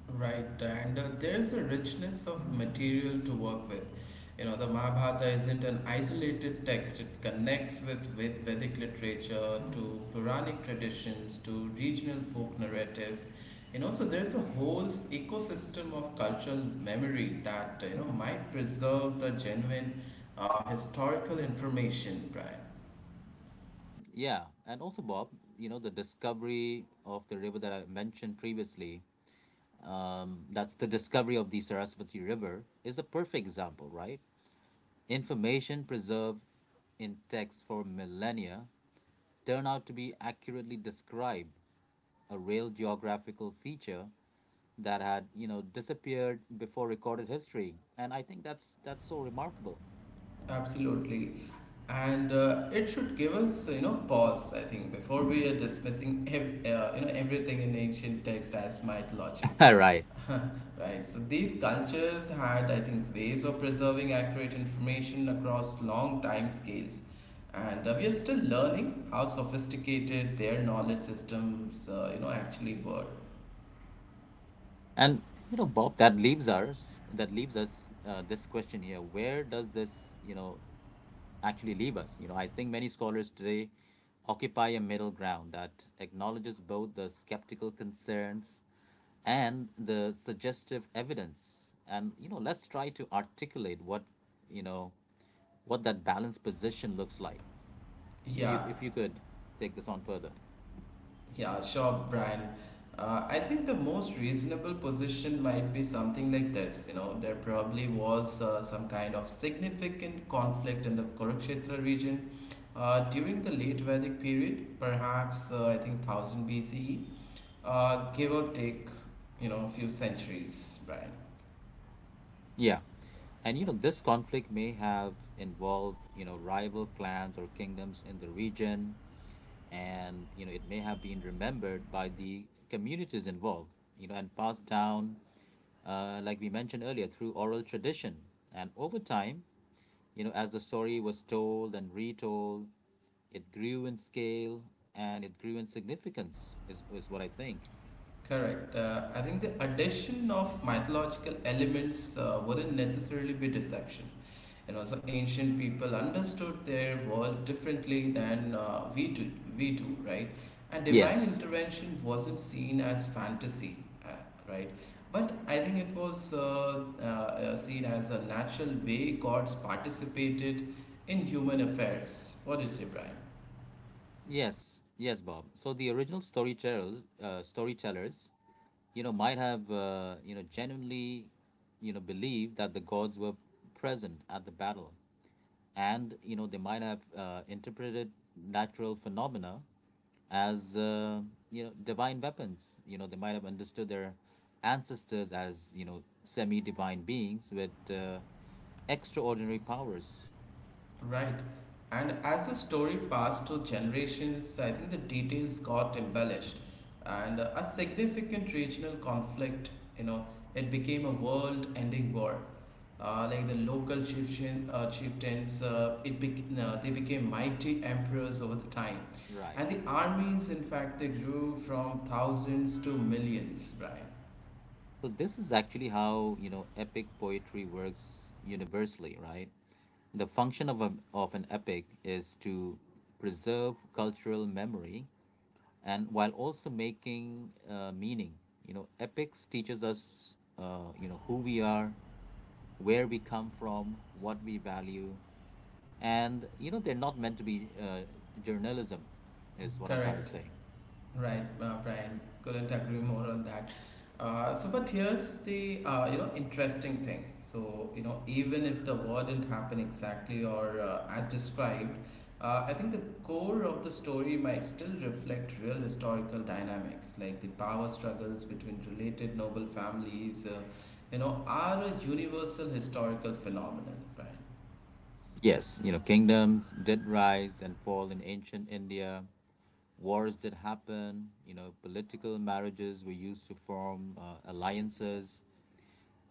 Speaker 2: Right, and there's a richness of material to work with. You know, the Mahabharata isn't an isolated text, it connects with Vedic literature, to Puranic traditions, to regional folk narratives. You know, so there's a whole ecosystem of cultural memory that, might preserve the genuine historical information, Brian.
Speaker 1: Yeah, and also Bob, you know, the discovery of the river that I mentioned previously, that's the discovery of the Saraswati River, is a perfect example, right? Information preserved in text for millennia turn out to be accurately describe a real geographical feature that had, you know, disappeared before recorded history. And I think that's so remarkable.
Speaker 2: Absolutely. And it should give us, you know, pause, I think, before we are dismissing everything in ancient text as mythology.
Speaker 1: Right.
Speaker 2: Right. So these cultures had, I think, ways of preserving accurate information across long time scales. And we are still learning how sophisticated their knowledge systems, actually were.
Speaker 1: And you know Bob, that leaves us this question here. Where does this, you know, actually leave us? You know, I think many scholars today occupy a middle ground that acknowledges both the skeptical concerns and the suggestive evidence. And you know, let's try to articulate what, you know, what that balanced position looks like, if you
Speaker 2: Yeah.
Speaker 1: if you could take this on further.
Speaker 2: Yeah, sure, Brian. I think the most reasonable position might be something like this. You know, there probably was some kind of significant conflict in the Kurukshetra region during the late Vedic period, perhaps I think 1000 BCE, give or take, you know, a few centuries, Brian.
Speaker 1: Yeah. And you know, this conflict may have involved, you know, rival clans or kingdoms in the region, and you know, it may have been remembered by the communities involved, you know, and passed down, like we mentioned earlier, through oral tradition. And over time, you know, as the story was told and retold, it grew in scale and it grew in significance, is what I think.
Speaker 2: Correct. I think the addition of mythological elements wouldn't necessarily be deception. And also, ancient people understood their world differently than we do. We do right, and divine
Speaker 1: Yes.
Speaker 2: intervention wasn't seen as fantasy, uh, right? But I think it was seen as a natural way gods participated in human affairs. What do you say, Brian?
Speaker 1: Yes, yes, Bob. So the original storyteller, storytellers, you know, might have, you know, genuinely, you know, believed that the gods were present at the battle, and you know, they might have interpreted natural phenomena as, you know, divine weapons. You know, they might have understood their ancestors as, you know, semi-divine beings with extraordinary powers.
Speaker 2: Right. And as the story passed to generations, I think the details got embellished. And a significant regional conflict, you know, it became a world ending war. Like the local chieftains, they became mighty emperors over the time.
Speaker 1: Right.
Speaker 2: And the armies, in fact, they grew from thousands to millions, Brian.
Speaker 1: So this is actually how, you know, epic poetry works universally, right? The function of, a, of an epic is to preserve cultural memory and while also making meaning. You know, epics teaches us, you know, who we are, where we come from, what we value, and you know, they're not meant to be journalism, is what I'm trying to
Speaker 2: Correct.
Speaker 1: say.
Speaker 2: Right, Brian. Couldn't agree more on that. But here's the you know interesting thing. So, you know, even if the war didn't happen exactly or as described, I think the core of the story might still reflect real historical dynamics, like the power struggles between related noble families. You know, are a universal historical phenomenon, Brian.
Speaker 1: Yes, you know, kingdoms did rise and fall in ancient India, wars that happen, you know, political marriages were used to form alliances,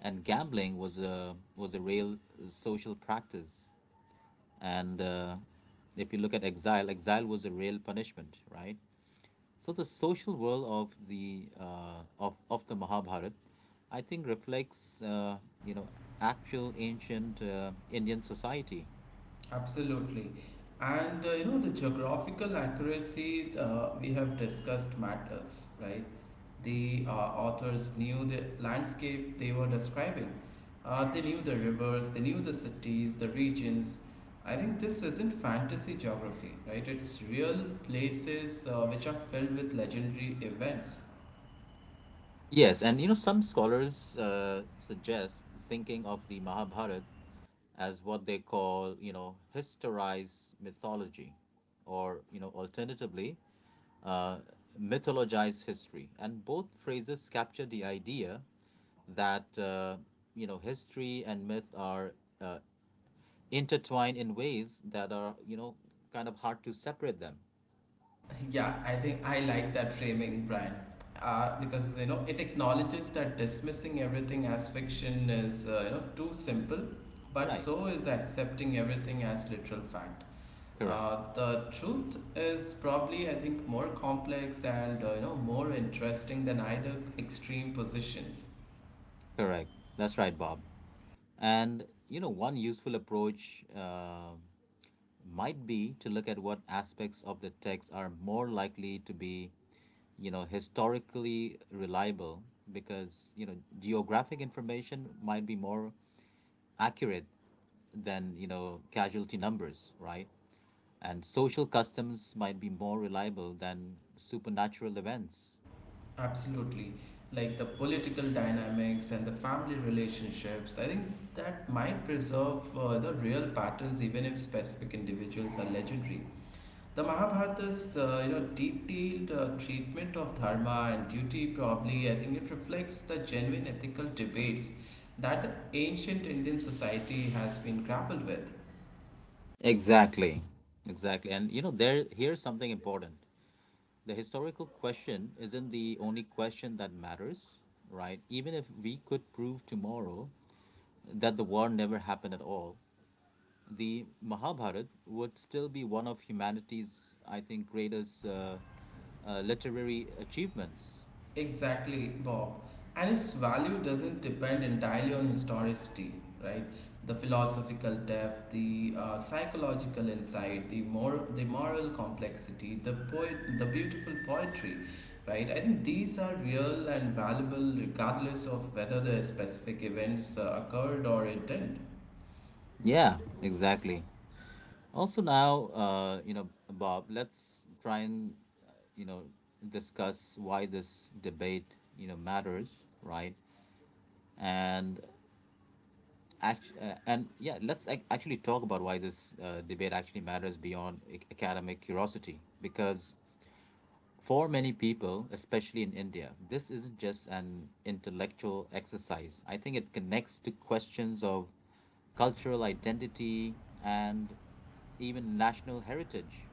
Speaker 1: and gambling was a real social practice. And if you look at exile, exile was a real punishment, right? So the social world of the of the Mahabharata, I think, reflects you know, actual ancient Indian society.
Speaker 2: Absolutely. And you know, the geographical accuracy we have discussed matters, right? The authors knew the landscape they were describing. They knew the rivers, they knew the cities, the regions. I think this isn't fantasy geography, right? It's real places which are filled with legendary events.
Speaker 1: Yes, and you know, some scholars suggest thinking of the Mahabharata as what they call, you know, historized mythology, or, you know, alternatively, uh, mythologized history. And both phrases capture the idea that, you know, history and myth are uh, intertwined in ways that are, you know, kind of hard to separate them.
Speaker 2: Yeah, I think I like that framing, Brian, because you know it acknowledges that dismissing everything as fiction is you know too simple, but
Speaker 1: Right,
Speaker 2: so is accepting everything as literal fact.
Speaker 1: correct,
Speaker 2: The truth is probably, I think, more complex and you know more interesting than either extreme positions.
Speaker 1: correct. That's right, Bob. And you know, one useful approach might be to look at what aspects of the text are more likely to be, you know, historically reliable because, you know, geographic information might be more accurate than, you know, casualty numbers, right? And social customs might be more reliable than supernatural events.
Speaker 2: Absolutely. Like the political dynamics and the family relationships, I think that might preserve the real patterns even if specific individuals are legendary. The Mahabharata's you know detailed treatment of dharma and duty probably I think it reflects the genuine ethical debates that the ancient Indian society has been grappled with.
Speaker 1: Exactly. Exactly. And you know, there here's something important. The historical question isn't the only question that matters, right? Even if we could prove tomorrow that the war never happened at all, the Mahabharata would still be one of humanity's, I think, greatest literary achievements.
Speaker 2: Exactly, Bob. And its value doesn't depend entirely on historicity, right? The philosophical depth, the psychological insight, the more the moral complexity, the poet, the beautiful poetry, right? I think these are real and valuable regardless of whether the specific events occurred or it didn't.
Speaker 1: Yeah, exactly. Also, now, you know, Bob, let's try and, you know, discuss why this debate, you know, matters, right? And yeah, let's actually talk about why this debate actually matters beyond academic curiosity. Because for many people, especially in India, this isn't just an intellectual exercise. I think it connects to questions of cultural identity and even national heritage.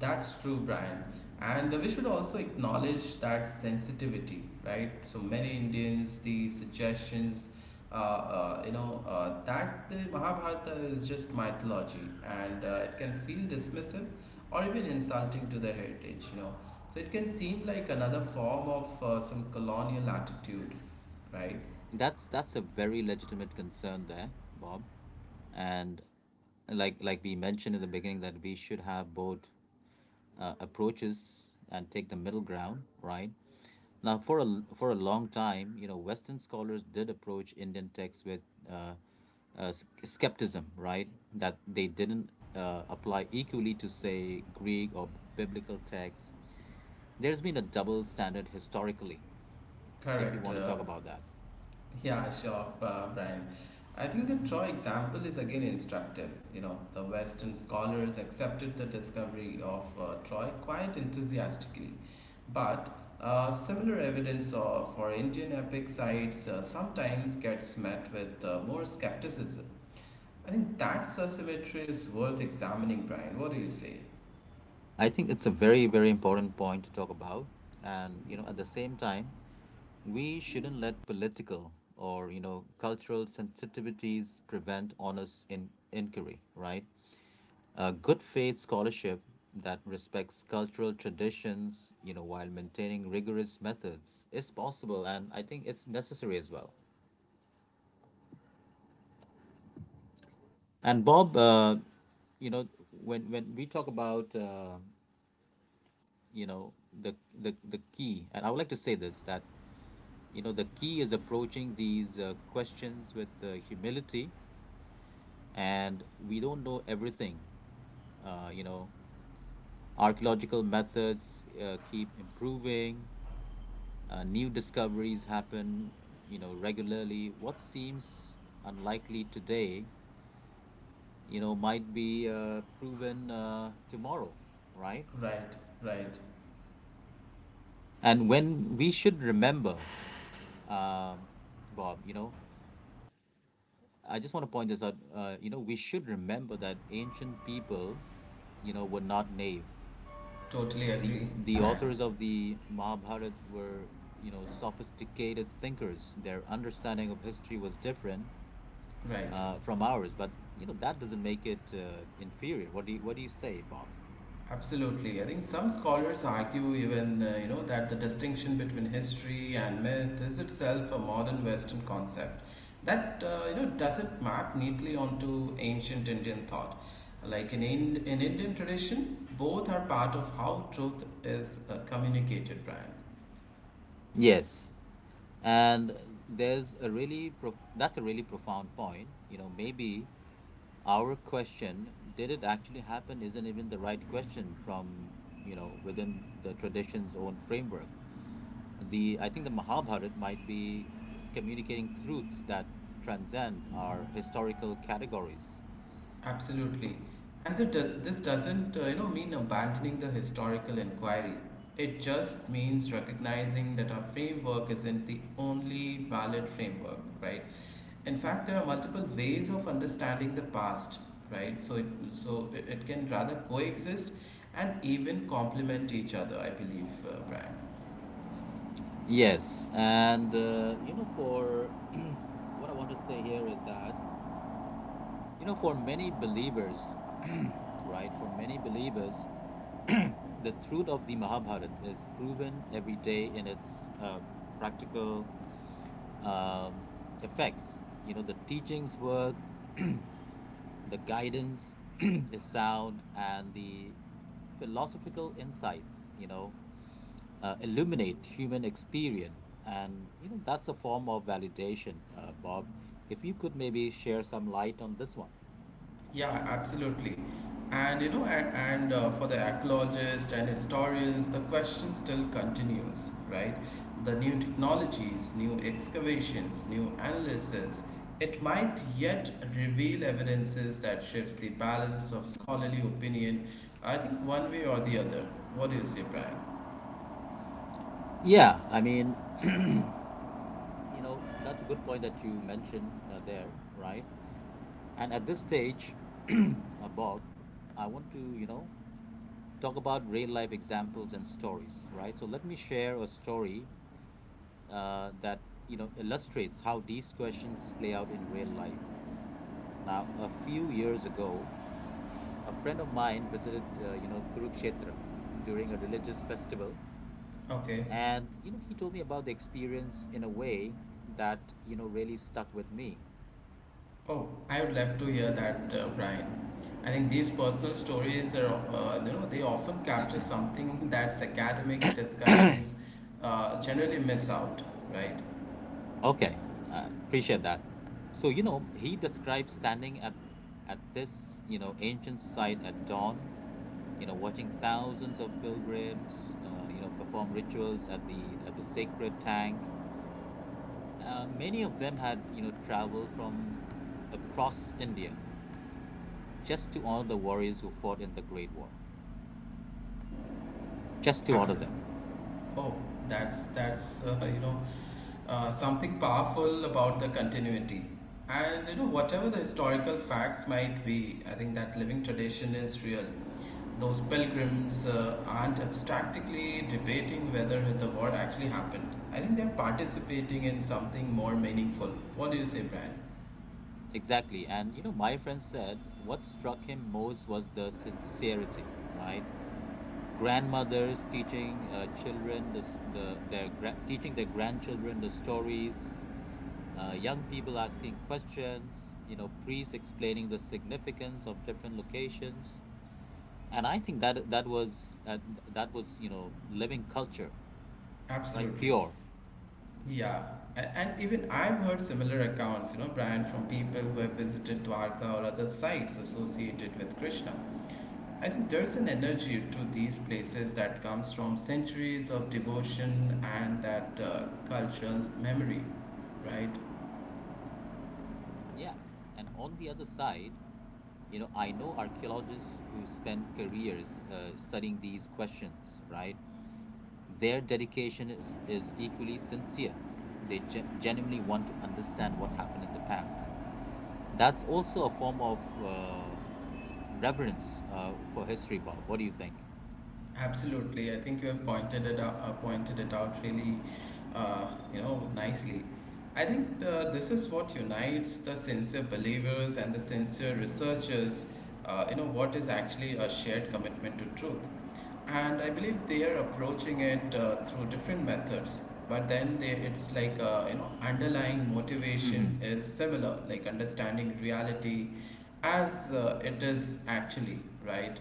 Speaker 2: That's true, Brian. And we should also acknowledge that sensitivity, right? So many Indians, the suggestions, you know, that the Mahabharata is just mythology and it can feel dismissive or even insulting to their heritage. So it can seem like another form of some colonial attitude, right?
Speaker 1: That's a very legitimate concern there, Bob. And like we mentioned in the beginning that we should have both approaches and take the middle ground, right? Now, for a long time, you know, Western scholars did approach Indian texts with uh, skepticism, right? That they didn't apply equally to, say, Greek or biblical texts. There's been a double standard historically, if you
Speaker 2: Correct.
Speaker 1: want to talk about that.
Speaker 2: Yeah, sure, Brian. I think the Troy example is again instructive. You know, the Western scholars accepted the discovery of Troy quite enthusiastically, but similar evidence for Indian epic sites sometimes gets met with more skepticism. I think that asymmetry is worth examining, Brian. What do you say?
Speaker 1: I think it's a very, very important point to talk about. And, you know, at the same time, we shouldn't let political or, you know, cultural sensitivities prevent honest inquiry, right? A good faith scholarship that respects cultural traditions, you know, while maintaining rigorous methods is possible. And I think it's necessary as well. And Bob, you know, when we talk about you know, the the key, and I would like to say this that, you know, the key is approaching these questions with humility, and we don't know everything. You know, archaeological methods keep improving, new discoveries happen, you know, regularly. What seems unlikely today, you know, might be proven tomorrow, right?
Speaker 2: Right, right.
Speaker 1: And when we should remember, um Bob, you know, I just want to point this out. You know, we should remember that ancient people, you know, were not naive.
Speaker 2: Totally
Speaker 1: The
Speaker 2: agree, Brian.
Speaker 1: authors of the Mahabharata were, you know, sophisticated thinkers. Their understanding of history was different
Speaker 2: Right.
Speaker 1: from ours, but you know that doesn't make it inferior. What do you say, Bob?
Speaker 2: Absolutely. I think some scholars argue even, you know, that the distinction between history and myth is itself a modern Western concept that, you know, doesn't map neatly onto ancient Indian thought. Like in, in Indian tradition, both are part of how truth is communicated, Brian.
Speaker 1: Yes, and there's a really that's a really profound point. You know, maybe our question, did it actually happen, isn't even the right question from, you know, within the tradition's own framework. The i think the Mahabharat might be communicating truths that transcend our historical categories.
Speaker 2: Absolutely. And this doesn't, you know, mean abandoning the historical inquiry. It just means recognizing that our framework isn't the only valid framework, right? In fact, there are multiple ways of understanding the past, right? So it can rather coexist and even complement each other, I believe, Brian.
Speaker 1: Yes, and you know, for what I want to say here is that, you know, for many believers, right, for many believers, the truth of the Mahabharata is proven every day in its practical um, effects. You know, the teachings work, the guidance is sound, and the philosophical insights, you know, illuminate human experience. And, you know, that's a form of validation, Bob. If you could maybe share some light on this one.
Speaker 2: Yeah, absolutely. And you know, and for the archaeologists and historians, the question still continues, right? The new technologies, new excavations, new analysis, it might yet reveal evidences that shifts the balance of scholarly opinion, I think, one way or the other. What do you say, Brian?
Speaker 1: Yeah, I mean, you know, that's a good point that you mentioned there, right? And at this stage, Bob, I want to, you know, talk about real life examples and stories, right? So let me share a story that, you know, illustrates how these questions play out in real life. Now, a few years ago, a friend of mine visited you know, Kurukshetra during a religious festival,
Speaker 2: Okay.
Speaker 1: and you know, he told me about the experience in a way that, you know, really stuck with me.
Speaker 2: Oh, I would love to hear that, Brian. I think these personal stories are, you know, they often capture something that's academic discussions generally miss out, right?
Speaker 1: Okay, appreciate that. So you know, he described standing at this, you know, ancient site at dawn, you know, watching thousands of pilgrims, you know, perform rituals at the sacred tank. Many of them had, you know, traveled from across India just to honor the warriors who fought in the Great War, just to honor
Speaker 2: Absolutely.
Speaker 1: them.
Speaker 2: Oh, that's you know something powerful about the continuity. And you know whatever the historical facts might be, I think that living tradition is real. Those pilgrims aren't abstractly debating whether the war actually happened. I think they're participating in something more meaningful. What do you say, Brian?
Speaker 1: Exactly. And, you know, my friend said what struck him most was the sincerity, right? Grandmothers teaching children the, s- the their gra- teaching their grandchildren the stories, young people asking questions, you know, priests explaining the significance of different locations. And I think that that was you know, living culture, right?
Speaker 2: Absolutely.
Speaker 1: Pure,
Speaker 2: Yeah. And even I've heard similar accounts, you know, Brian, from people who have visited Dwarka or other sites associated with Krishna. I think there's an energy to these places that comes from centuries of devotion and that cultural memory, right?
Speaker 1: yeah. And on the other side, you know, I know archaeologists who spend careers studying these questions, right? Their dedication is equally sincere. They genuinely want to understand what happened in the past. That's also a form of reverence for history, Bob. What do you think?
Speaker 2: Absolutely, I think you have pointed it out really, uh, you know, nicely. I think this is what unites the sincere believers and the sincere researchers. You know what is actually a shared commitment to truth, and I believe they are approaching it through different methods. But then they, it's like you know underlying
Speaker 1: Hmm.
Speaker 2: motivation is similar, like understanding reality as it is actually, right?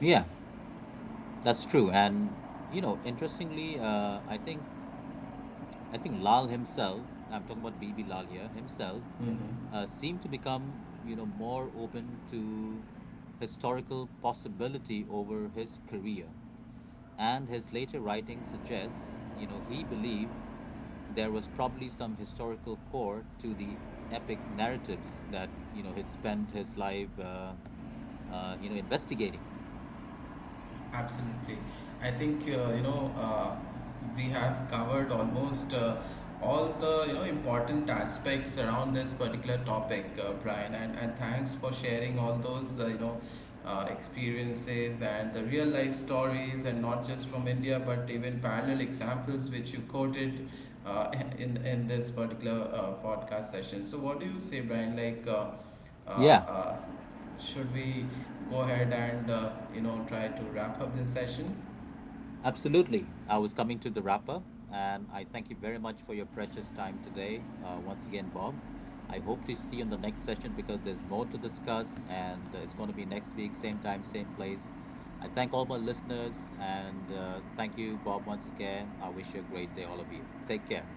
Speaker 1: Yeah, that's true. And you know, interestingly, I think Lal himself, I'm talking about BB Lal here, himself
Speaker 2: Mm-hmm.
Speaker 1: seemed to become, you know, more open to historical possibility over his career. And his later writing suggests, you know, he believed there was probably some historical core to the epic narratives that, you know, he'd spent his life, you know, investigating.
Speaker 2: Absolutely. I think you know we have covered almost all the you know important aspects around this particular topic, Brian. And thanks for sharing all those you know experiences and the real life stories, and not just from India, but even parallel examples which you quoted uh, in this particular podcast session. So, what do you say, Brian? Like. Uh,
Speaker 1: Yeah.
Speaker 2: uh, should we go ahead and you know try to wrap up this session.
Speaker 1: Absolutely. I was coming to the wrap up, and I thank you very much for your precious time today. Once again, Bob, I hope to see you in the next session because there's more to discuss, and it's going to be next week, same time, same place. I thank all my listeners, and thank you, Bob, once again. I wish you a great day, all of you. Take care.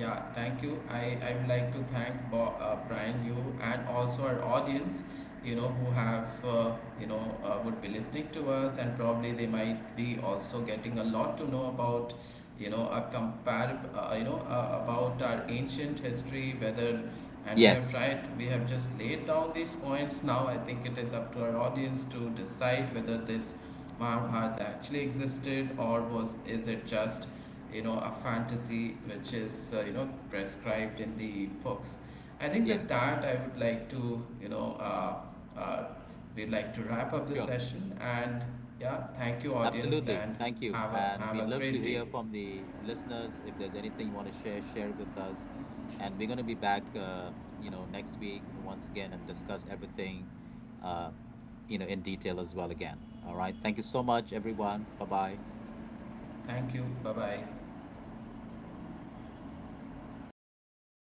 Speaker 2: Yeah, thank you. I would like to thank Brian, you, and also our audience, you know, who have, you know, would be listening to us, and probably they might be also getting a lot to know about, you know, a comparable, you know, about our ancient history, whether, and we have
Speaker 1: Yes,
Speaker 2: tried, we have just laid down these points. Now I think it is up to our audience to decide whether this Mahabharata actually existed or was, is it just you know a fantasy which is you know prescribed in the books. I think with
Speaker 1: yes,
Speaker 2: that I would like to you know uh, we'd like to wrap up this
Speaker 1: sure.
Speaker 2: session and yeah thank you audience
Speaker 1: Absolutely.
Speaker 2: and
Speaker 1: Thank you.
Speaker 2: have a
Speaker 1: And
Speaker 2: have
Speaker 1: we'd
Speaker 2: a
Speaker 1: love to
Speaker 2: great day.
Speaker 1: hear from the listeners. If there's anything you want to share, share it with us. And we're going to be back, you know, next week once again and discuss everything, uh, you know, in detail as well again. All right. Thank you so much, everyone. Bye bye.
Speaker 2: Thank you, bye bye.